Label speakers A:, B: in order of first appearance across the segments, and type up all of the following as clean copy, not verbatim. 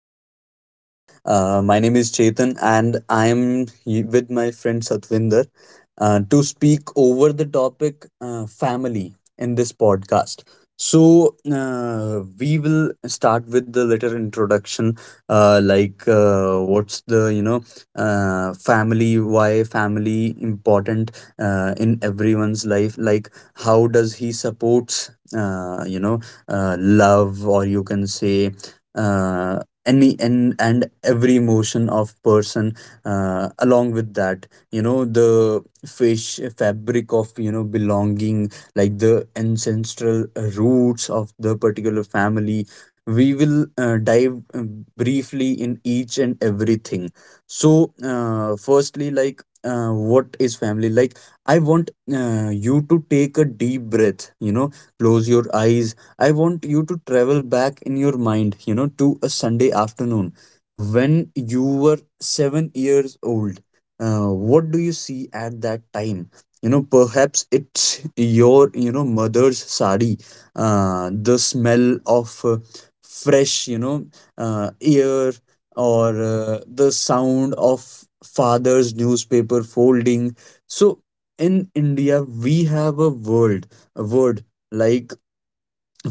A: this podcast. My name is Chetan and I am with my friend Satvinder to speak over the topic family in this podcast. So we will start with the little introduction like what's the, you know, family, why family important in everyone's life, like how does he supports, love, or you can say uh, any and every emotion of person, along with that, you know, the fish fabric of, you know, belonging, like the ancestral roots of the particular family. We will dive briefly in each and everything. So firstly, like, what is family? Like, I want you to take a deep breath, you know, close your eyes. I want you to travel back in your mind, you know, to a Sunday afternoon when you were 7 years old. What do you see at that time? You know, perhaps it's your, you know, mother's sari, the smell of fresh, you know, air, or the sound of father's newspaper folding. So in India, we have a world, a word like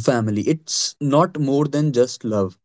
A: family. It's not more than just love,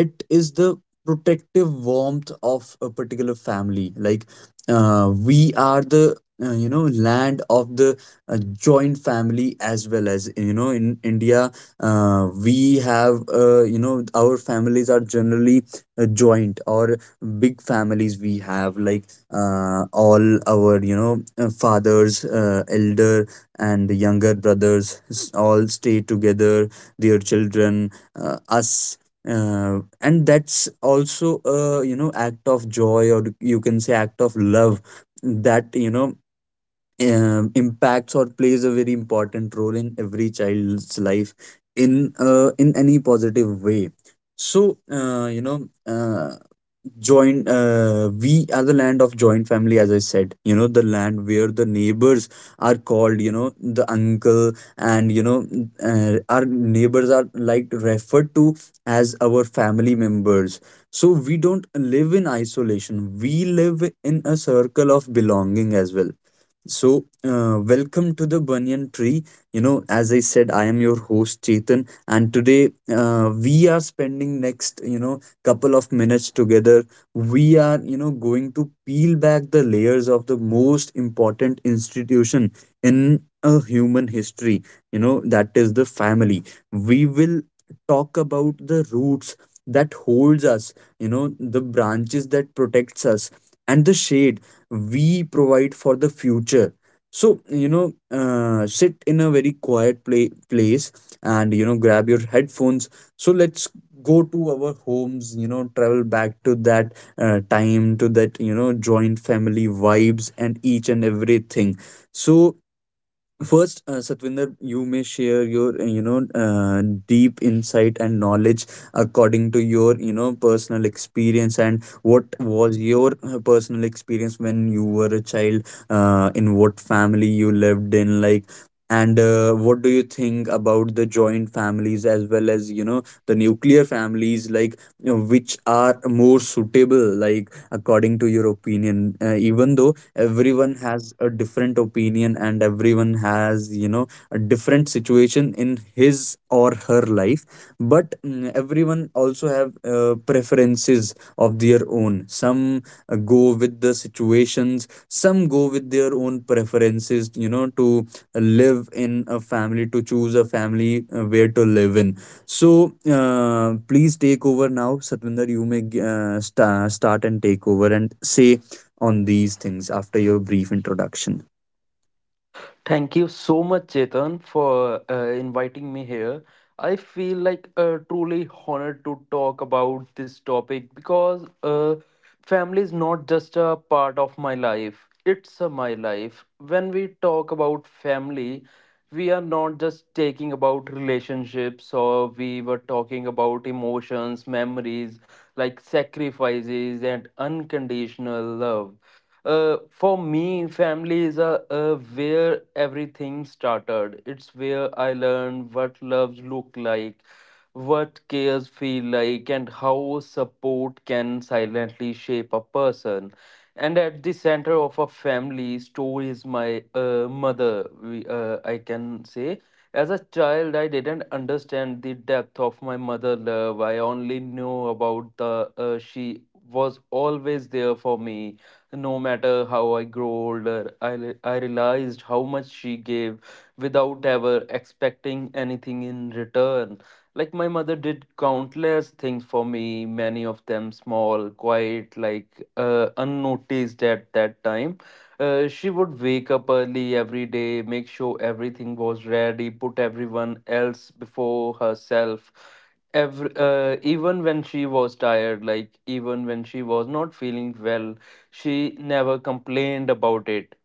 A: it is the protective warmth of a particular family. Like, we are the, you know, land of the joint family. As well, as you know, in India, we have, you know, our families are generally joint or big families. We have, like, all our, you know, fathers, elder and younger brothers, all stay together, their children, us, and that's also a, you know, act of joy, or you can say act of love, that, you know, impacts or plays a very important role in every child's life in any positive way. So joint we are the land of joint family, as I said, you know, the land where the neighbors are called, you know, the uncle, and, you know, our neighbors are like referred to as our family members. So we don't live in isolation, we live in a circle of belonging as well. So, welcome to the Banyan Tree. You know, as I said, I am your host Chetan, and today we are spending next, you know, couple of minutes together. We are, you know, going to peel back the layers of the most important institution in a human history. You know, that is the family. We will talk about the roots that holds us, you know, the branches that protects us, and the shade we provide for the future. So, you know, sit in a very quiet place, and, you know, grab your headphones. So let's go to our homes, you know, travel back to that time, to that, you know, joint family vibes and each and everything. So first, Satvinder, you may share your deep insight and knowledge according to your, you know, personal experience, and what was your personal experience when you were a child, in what family you lived in, like, and what do you think about the joint families as well as, you know, the nuclear families, like, you know, which are more suitable, like, according to your opinion. Even though everyone has a different opinion and everyone has, you know, a different situation in his or her life, but everyone also have preferences of their own. Some go with the situations, some go with their own preferences, you know, to live in a family, to choose a family, where to live in. So please take over now, Satvinder. You may start and take over and say on these things after your brief introduction.
B: Thank you so much, Chetan, for inviting me here. I feel like truly honored to talk about this topic because family is not just a part of my life, it's a my life. When we talk about family, we are not just taking about relationships or we were talking about emotions, memories, like sacrifices and unconditional love. For me, family is a, where everything started. It's where I learned what loves look like, what cares feel like, and how support can silently shape a person. And at the center of a family story is my mother. I can say, as a child, I didn't understand the depth of my mother love. I only knew about the she was always there for me no matter how I grow older. I realized how much she gave without ever expecting anything in return. Like my mother did countless things for me, many of them small, quiet, like unnoticed at that time. She would wake up early every day, make sure everything was ready, put everyone else before herself even when she was tired, like even when she was not feeling well, she never complained about it.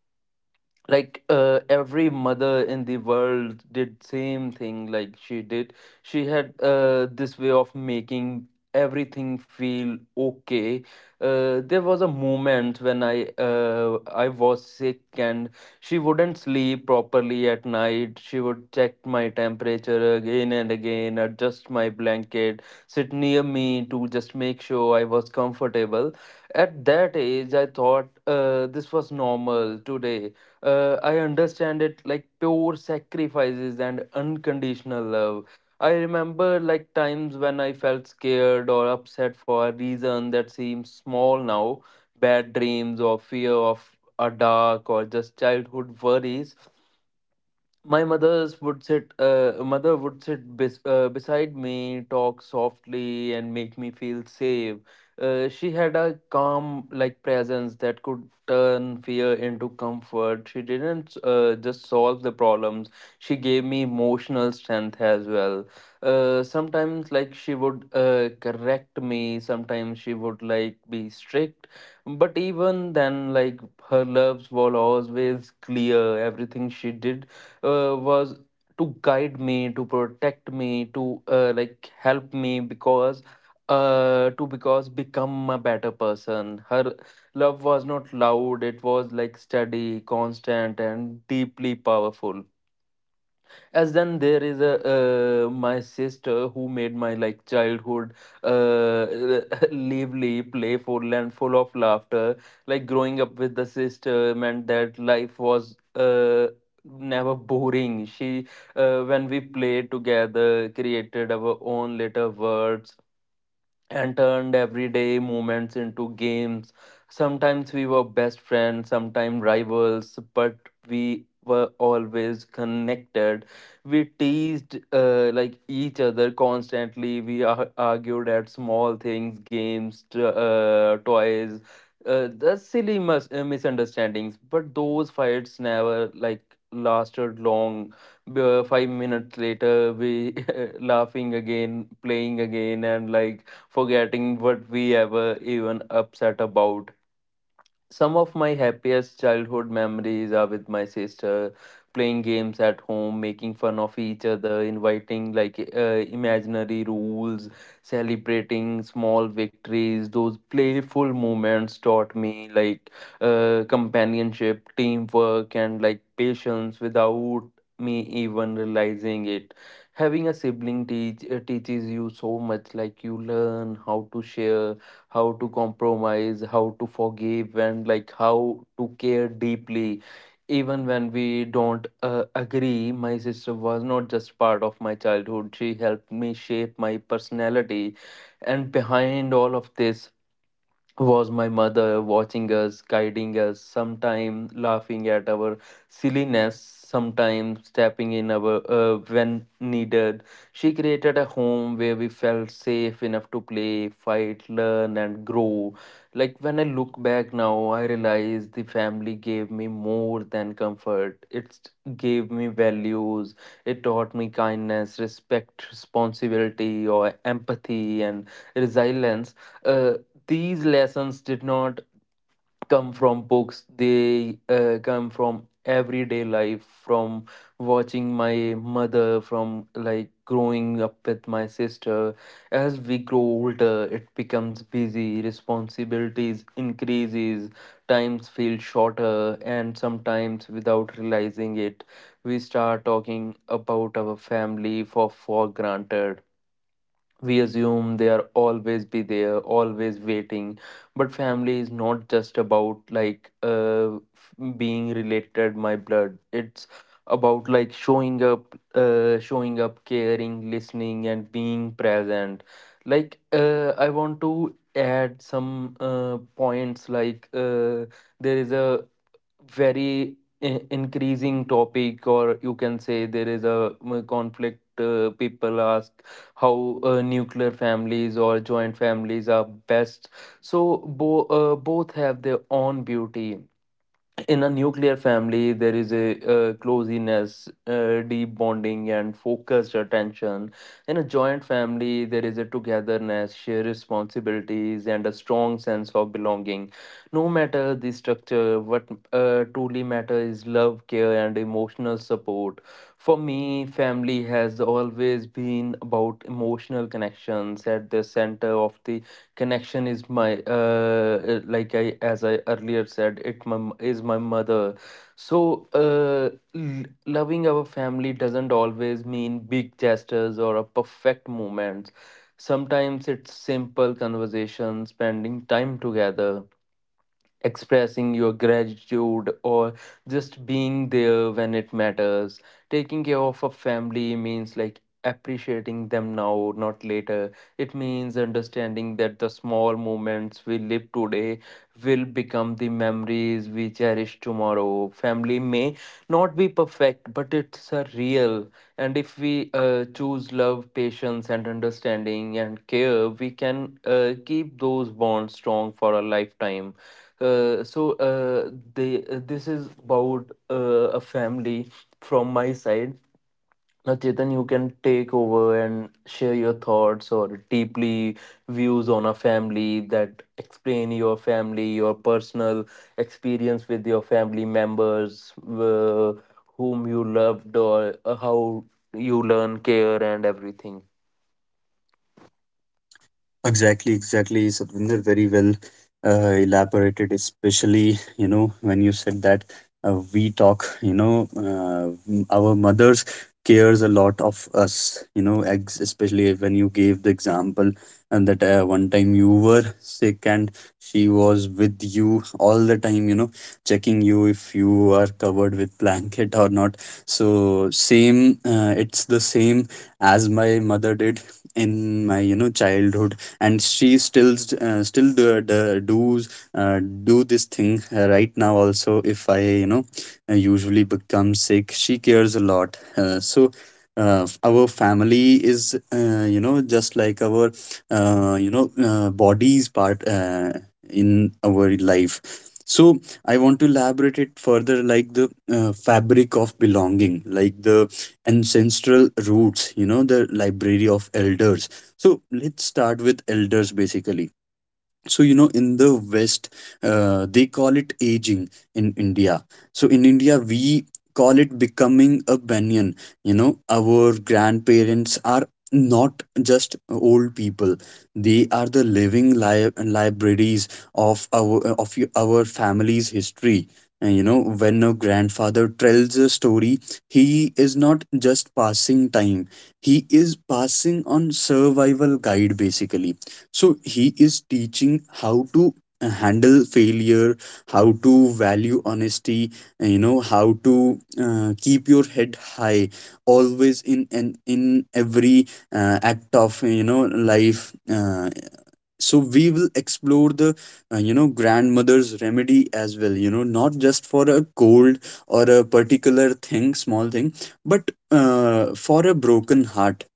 B: Like every mother in the world did same thing like she did. She had this way of making everything feel okay. There was a moment when I was sick, and she wouldn't sleep properly at night. She would check my temperature again and again, adjust my blanket, sit near me to just make sure I was comfortable. At that age I thought this was normal. Today I understand it like pure sacrifices and unconditional love. I remember like times when I felt scared or upset for a reason that seems small now, bad dreams or fear of a dark or just childhood worries. My mother's would sit Mother would sit beside me, talk softly and make me feel safe. She had a calm like presence that could turn fear into comfort. She didn't just solve the problems, she gave me emotional strength as well. Sometimes like she would correct me, sometimes she would like be strict, but even then, like, her loves were always clear. Everything she did was to guide me, to protect me, to like help me, because to because become a better person. Her love was not loud. It was like steady, constant and deeply powerful. As then there is a my sister who made my like childhood uh, lively, playful and full of laughter. Like growing up with the sister meant that life was never boring. She When we played together, created our own little worlds and turned everyday moments into games. Sometimes we were best friends, sometimes rivals, but we were always connected. We teased like each other constantly. We argued at small things, games, toys, the silly misunderstandings. But those fights never like lasted long. 5 minutes later, we laughing again, playing again, and like forgetting what we ever even upset about. Some of my happiest childhood memories are with my sister, playing games at home, making fun of each other, inviting like imaginary rules, celebrating small victories. Those playful moments taught me like companionship, teamwork, and like patience without me even realizing it. Having a sibling teach teaches you so much. Like you learn how to share, how to compromise, how to forgive, and like how to care deeply. Even when we don't agree, my sister was not just part of my childhood. She helped me shape my personality. And behind all of this, was my mother watching us, guiding us, sometimes laughing at our silliness, sometimes stepping in our when needed. She created a home where we felt safe enough to play, fight, learn, and grow. Like when I look back now, I realize the family gave me more than comfort. It gave me values. It taught me kindness, respect, responsibility, or empathy and resilience. Uh, these lessons did not come from books. They come from everyday life, from watching my mother, from like growing up with my sister. As we grow older, it becomes busy, responsibilities increases, times feel shorter, and sometimes without realizing it we start talking about our family for granted. We assume they are always be there, always waiting. But family is not just about like being related my blood. It's about like showing up, showing up, caring, listening and being present. Like I want to add some points. Like there is a very increasing topic, or you can say there is a conflict. People ask how nuclear families or joint families are best. So both have their own beauty. In a nuclear family there is a coziness, deep bonding and focused attention. In a joint family there is a togetherness, shared responsibilities and a strong sense of belonging. No matter the structure, what truly matters is love, care and emotional support. For me family has always been about emotional connections. At the center of the connection is my like i, as I earlier said it, is my mother. So loving our family doesn't always mean big gestures or a perfect moment. Sometimes it's simple conversation, spending time together, expressing your gratitude, or just being there when it matters. Taking care of a family means like appreciating them now, not later. It means understanding that the small moments we live today will become the memories we cherish tomorrow. Family may not be perfect, but it's a real. And if we choose love, patience, and understanding and care, we can keep those bonds strong for a lifetime. This is about a family from my side. Now, Chetan, you can take over and share your thoughts or deeply views on a family, that explain your family, your personal experience with your family members, whom you loved, or how you learn care and everything.
A: Exactly, exactly, Satvinder. Very well elaborated, especially, you know, when you said that we talk. You know, our mothers cares a lot of us. You know, especially when you gave the example, and that one time you were sick and she was with you all the time, you know, checking you if you are covered with blanket or not. So same, it's the same as my mother did in my, you know, childhood, and she still does do this thing right now also. If I, you know, usually become sick, she cares a lot. So our family is, you know, just like our, body's part in our life. So I want to elaborate it further, like the fabric of belonging, like the ancestral roots, you know, the library of elders. So let's start with elders basically. So, you know, in the West they call it aging. In India, so in India, we call it becoming a banyan. You know, our grandparents are not just old people, they are the living libraries of our, our family's history. And, you know, when a grandfather tells a story, he is not just passing time, he is passing on survival guide basically. So he is teaching how to handle failure, how to value honesty, and, you know, how to keep your head high always, in and in every act of, you know, life. So we will explore the you know, grandmother's remedy as well. You know, not just for a cold or a particular thing, small thing, but for a broken heart.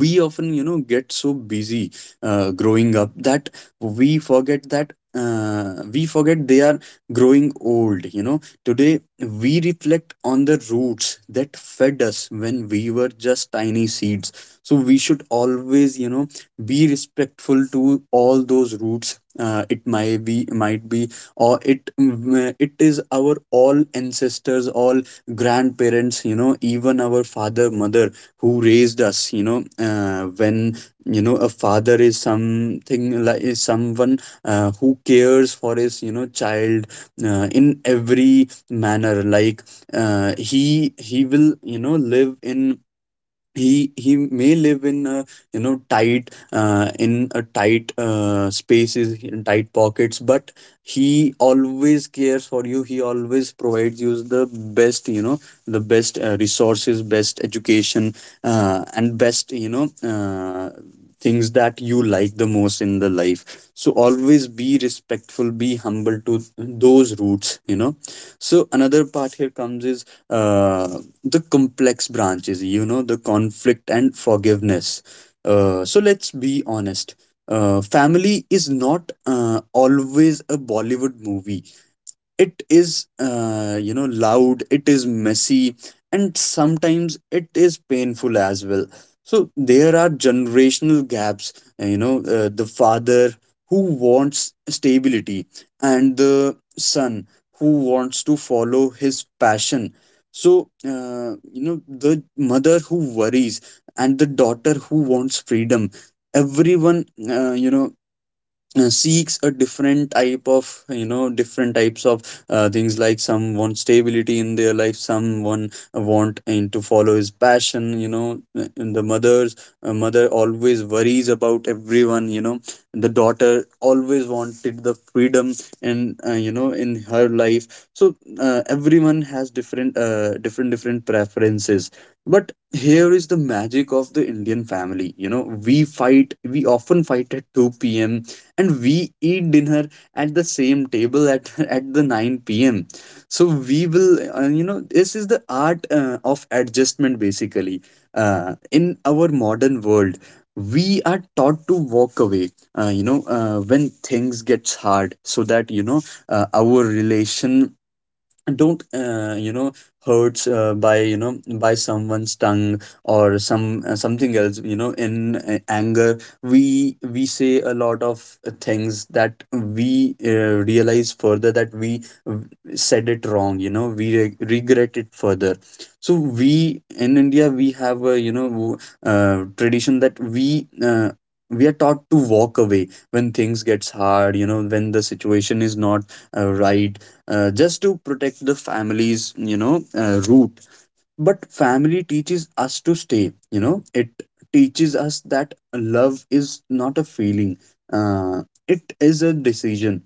A: We often, you know, get so busy growing up, that we forget that, we forget, they are growing old. You know, today we reflect on the roots that fed us when we were just tiny seeds. So we should always, you know, be respectful to all those roots. It might be, it is our all ancestors, all grandparents, you know, even our father, mother, who raised us. You know, when, you know, a father is something like, is someone who cares for his, you know, child in every manner. Like, he will, you know, live in he may live in a, you know, tight, in a tight spaces, in tight pockets, but he always cares for you, he always provides you the best, you know, the best resources, best education, and best, you know, things that you like the most in the life. So always be respectful, be humble to those roots, you know. So another part here comes is uh, the complex branches, you know, the conflict and forgiveness. So let's be honest. Family is not always a Bollywood movie, it is, you know, loud, it is messy, and sometimes it is painful as well. So there are generational gaps, the father who wants stability, and the son who wants to follow his passion. So you know, the mother who worries, and the daughter who wants freedom. Everyone, uh, you know seeks a different type of, you know, different types of things. Like, some want stability in their life, someone want and to follow his passion, you know. And the mother always worries about everyone, you know. The daughter always wanted the freedom and, you know, in her life. So everyone has different, different preferences. But here is the magic of the Indian family, you know. We fight, we often fight at 2 p.m., and we eat dinner at the same table at at the 9 p.m. So we will, you know, this is the art of adjustment basically. In our modern world we are taught to walk away when things gets hard, so that, you know, our relation don't, you know, hurts by, you know, by someone's tongue or some something else, you know. In anger we say a lot of things that we, realize further that we, said it wrong, you know, we regret it further. So we in India, we have a, you know, tradition that we, we are taught to walk away when things gets hard, you know, when the situation is not right, just to protect the family's, you know, root. But family teaches us to stay, you know, it teaches us that love is not a feeling, uh, it is a decision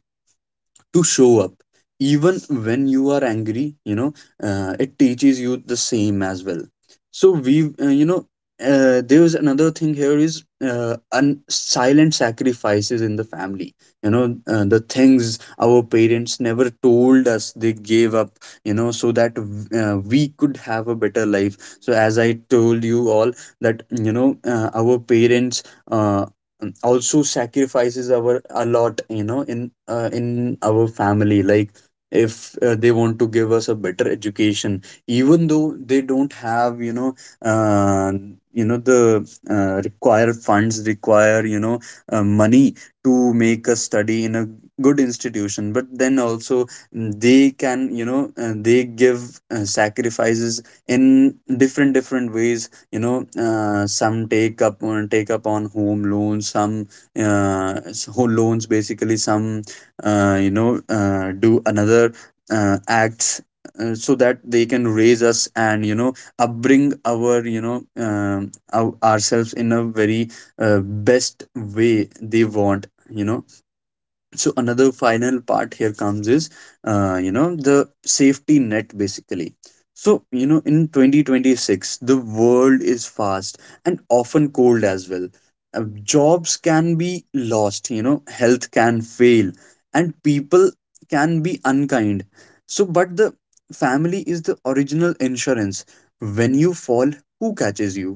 A: to show up even when you are angry, you know. It teaches you the same as well. So we, there's another thing here is, silent sacrifices in the family. You know, the things our parents never told us, they gave up, you know so that we could have a better life. So as I told you all that our parents uh, also sacrifices our a lot in our family, like if they want to give us a better education, even though they don't have, uh, the require funds, require money to make us study in a good institution. But then also, they can, they give sacrifices in different different ways, you know some take up on home loans, some home loans basically, some do another acts, so that they can raise us, and upbring our, ourselves in a very uh, best way they want, you know. So another final part here comes is, you know, the safety net basically. So you know, in 2026 the world is fast, and often cold as well. Uh, Jobs can be lost, you know, health can fail, and people can be unkind. So, but the family is the original insurance. When you fall, who catches you?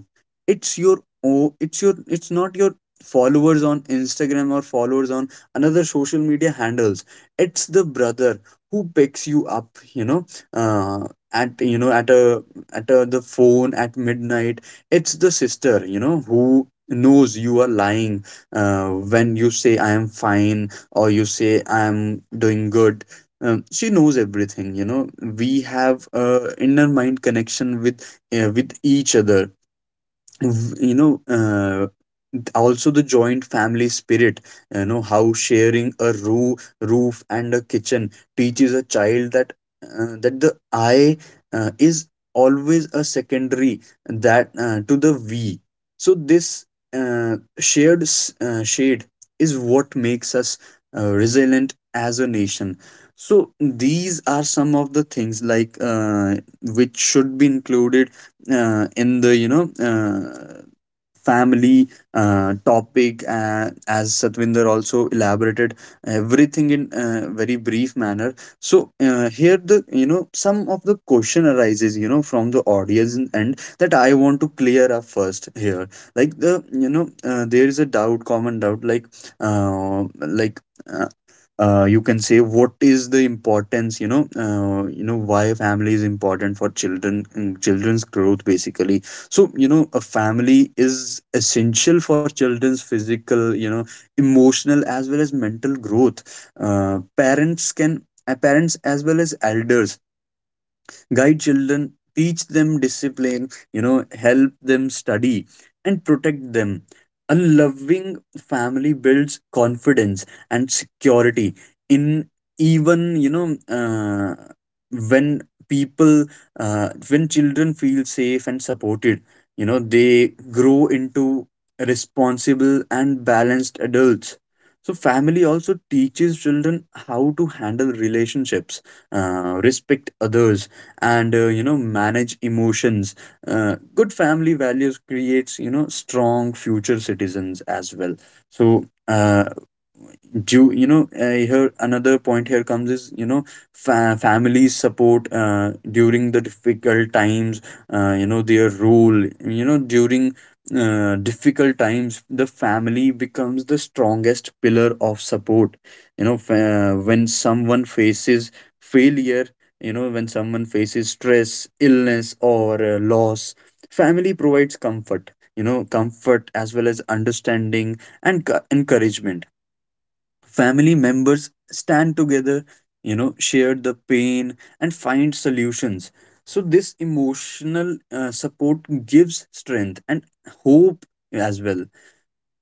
A: It's your — oh, it's your, it's not your followers on Instagram, or followers on another social media handles. It's the brother who picks you up, you know, uh, at you know at a the phone at midnight. It's the sister, you know, who knows you are lying, when you say I am fine, or you say I am doing good. She knows everything. You know, we have a inner mind connection with each other. v- you know uh, Also the joint family spirit, you know, how sharing a roof and a kitchen teaches a child that that the I is always a secondary, that to the we. So this shared shade is what makes us resilient as a nation. So these are some of the things, like which should be included in the, family topic, as Satvinder also elaborated everything in a very brief manner. So here, the some of the question arises, you know, from the audience, and that I want to clear up first here. Like, the there is a doubt, common doubt, like uh, you can say, what is the importance, you know, why family is important for children, children's growth basically. So you know, a family is essential for children's physical, you know, emotional as well as mental growth. Parents, as well as elders, guide children, teach them discipline, you know, help them study, and protect them. A loving family builds confidence and security in, even, when people — when children feel safe and supported, you know, they grow into responsible and balanced adults. So, family also teaches children how to handle relationships, respect others, and you know, manage emotions. Good family values creates, you know, strong future citizens as well. So due, here another point here comes is, you know, families support, during the difficult times. You know, their role, you know, during difficult times, the family becomes the strongest pillar of support. You know, when someone faces failure, you know, when someone faces stress, illness, or loss, family provides comfort, you know, comfort as well as understanding, and encouragement. Family members stand together, you know, share the pain, and find solutions. So this emotional support gives strength and hope as well.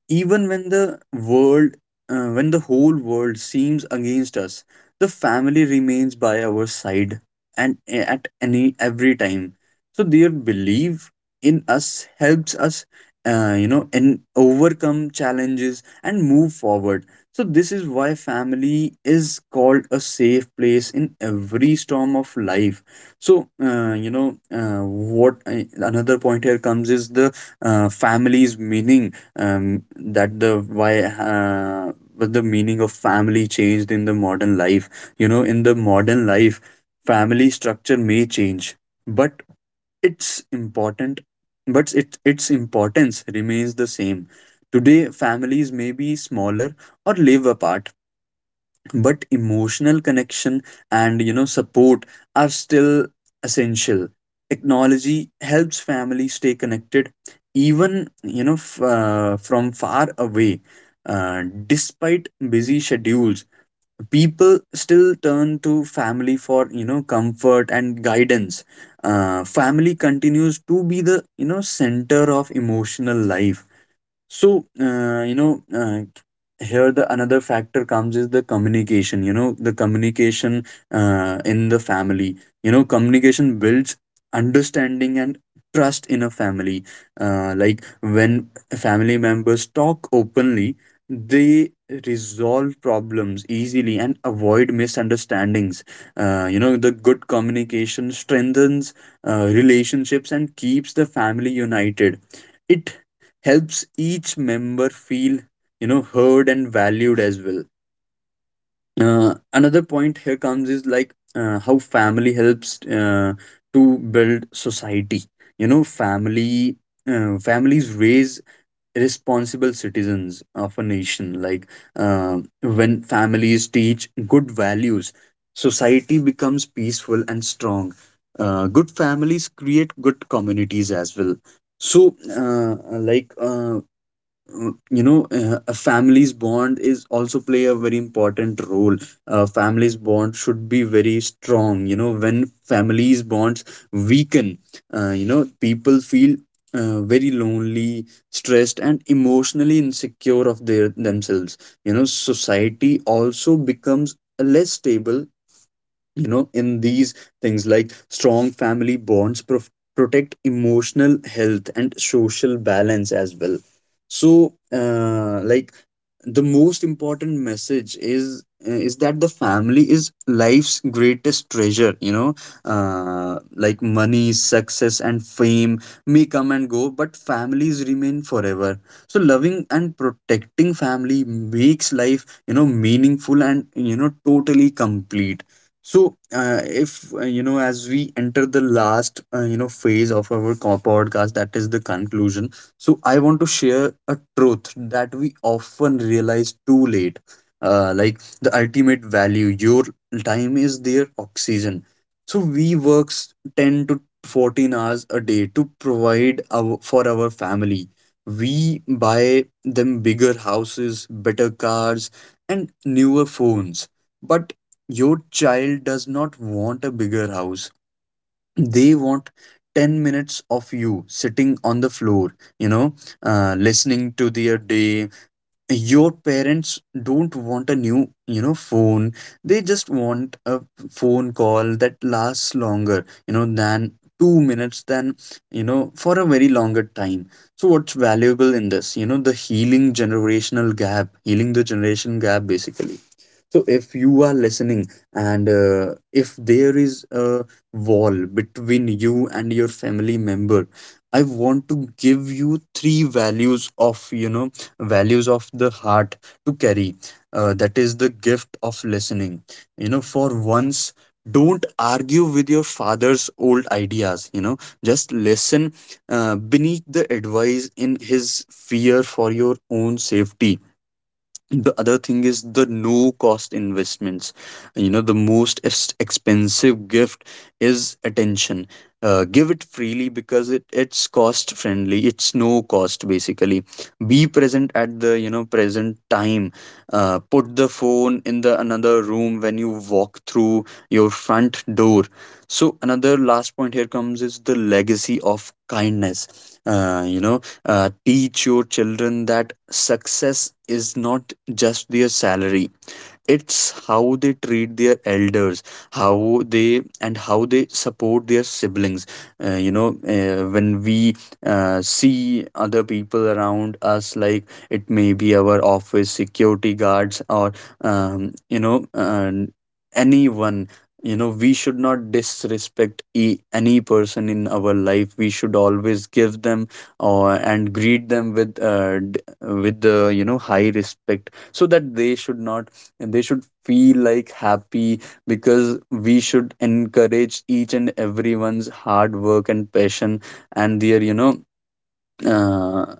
A: Even when the world — when the whole world seems against us, the family remains by our side, and at any every time. So their belief in us helps us, you know, and overcome challenges and move forward. So this is why family is called a safe place in every storm of life. So you know what another point here comes is the family's meaning, that the why what the meaning of family changed in the modern life. You know, in the modern life, family structure may change, but it's important, but it, its importance remains the same. Today families may be smaller or live apart, but emotional connection and, you know, support are still essential. Technology helps families stay connected, even, you know, from far away. Despite busy schedules, people still turn to family for, you know, comfort and guidance. Family continues to be the, you know, center of emotional life. So, here the another factor comes is the communication, you know, the communication in the family. You know, communication builds understanding and trust in a family. Like, when family members talk openly, they resolve problems easily, and avoid misunderstandings. You know, the good communication strengthens relationships and keeps the family united. It helps each member feel, you know, heard and valued as well. Another point here comes is, like, how family helps to build society. You know, family — families raise responsible citizens of a nation. Like when families teach good values, society becomes peaceful and strong. Good families create good communities as well. So uh, like uh, a family's bond is also play a very important role. Family's bond should be very strong, you know. When families bonds weaken, you know, people feel very lonely, stressed, and emotionally insecure of their themselves. You know, society also becomes less stable, you know, in these things, like, strong family bonds protect emotional health and social balance as well. So like, the most important message is that the family is life's greatest treasure, you know. Like, money, success, and fame may come and go, but families remain forever. So loving and protecting family makes life, you know, meaningful and, you know, totally complete. So if you know, as we enter the last, you know, phase of our podcast, that is the conclusion. So I want to share a truth that we often realize too late. Like, the ultimate value — your time is their oxygen. So we works 10 to 14 hours a day to provide our, for our family. We buy them bigger houses, better cars, and newer phones. But your child does not want a bigger house, they want 10 minutes of you sitting on the floor, you know, listening to their day. Your parents don't want a new, you know, phone, they just want a phone call that lasts longer, you know, than 2 minutes, than, you know, for a very longer time. So what's valuable in this, you know, the healing generational gap, healing the generation gap basically. So if you are listening, and if there is a wall between you and your family member, I want to give you three values of, you know, values of the heart to carry. That is the gift of listening. You know, for once, don't argue with your father's old ideas, you know, just listen. Beneath the advice in his fear for your own safety. The other thing is the no cost investments. You know, the most expensive gift is attention. Give it freely, because it, it's cost friendly, it's no cost basically. Be present at the, you know, present time. Put the phone in the another room when you walk through your front door. So another last point here comes is the legacy of kindness. You know, teach your children that success is not just their salary, it's how they treat their elders, how they, and how they support their siblings. You know, when we see other people around us, like, it may be our office security guards, or, you know, anyone. You know, we should not disrespect any person in our life. We should always give them, or, and greet them with, with the, you know, high respect, so that they should not, and they should feel like happy, because we should encourage each and everyone's hard work and passion, and their, you know, uh,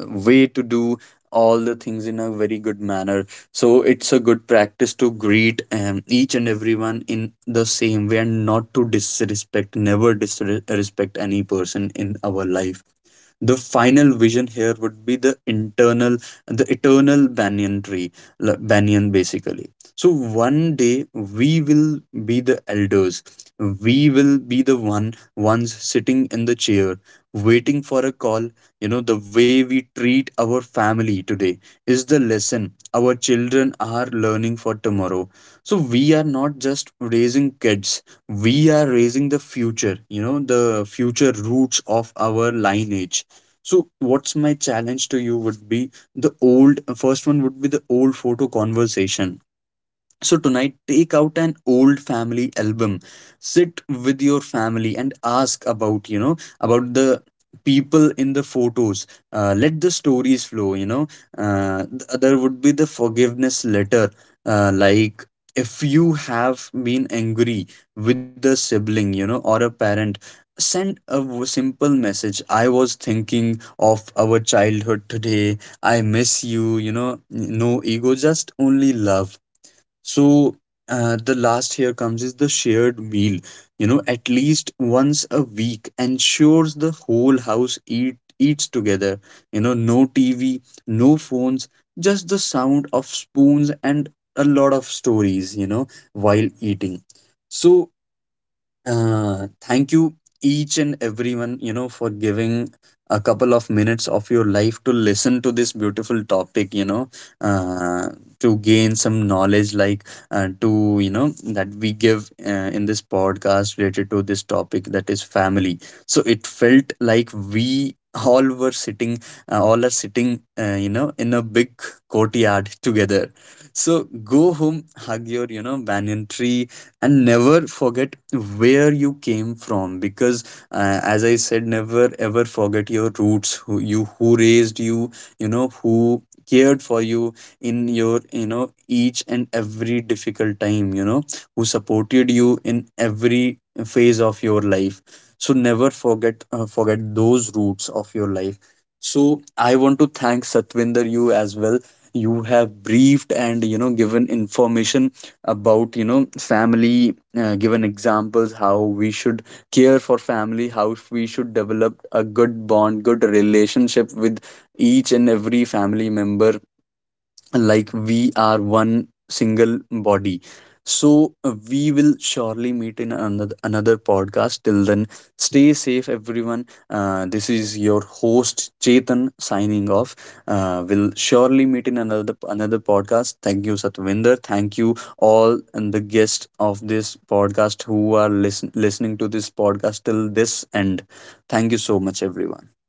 A: way to do all the things in a very good manner. So it's a good practice to greet, each and everyone in the same way, and not to disrespect, never disrespect any person in our life. The final vision here would be the internal, the eternal banyan tree, banyan basically. So one day we will be the elders, we will be the ones sitting in the chair, waiting for a call. You know, the way we treat our family today is the lesson our children are learning for tomorrow. So we are not just raising kids, we are raising the future, you know, the future roots of our lineage. So, what's my challenge to you would be the old, first one would be the old photo conversation. So, tonight, take out an old family album, sit with your family and ask about, you know, about the people in the photos. Let the stories flow, you know. There would be the forgiveness letter, like, if you have been angry with a sibling, you know, or a parent. Send a simple message. I was thinking of our childhood today. I miss you. You know, no ego, just only love. So the last here comes is the shared meal. You know, at least once a week, ensures the whole house eat eats together. You know, no TV, no phones, just the sound of spoons and a lot of stories, you know, while eating. So thank you, each and everyone, you know, for giving a couple of minutes of your life to listen to this beautiful topic, you know, uh, to gain some knowledge, like to, you know, that we give, in this podcast related to this topic, that is family. So it felt like we all were sitting, all are sitting, you know, in a big courtyard together. So go home, hug your, you know, banyan tree, and never forget where you came from, because as I said, never ever forget your roots, who you, who raised you, you know, who cared for you in your, you know, each and every difficult time, you know, who supported you in every phase of your life. So never forget, those roots of your life. So I want to thank Satvinder, you as well. You have briefed and, you know, given information about, you know, family, given examples how we should care for family, how we should develop a good bond, good relationship with each and every family member, like we are one single body. So we will surely meet in another podcast. Till then, stay safe everyone. This is your host Chetan signing off. We'll surely meet in another podcast. Thank you Satvinder, thank you all, and the guests of this podcast who are listening to this podcast till this end. Thank you so much everyone.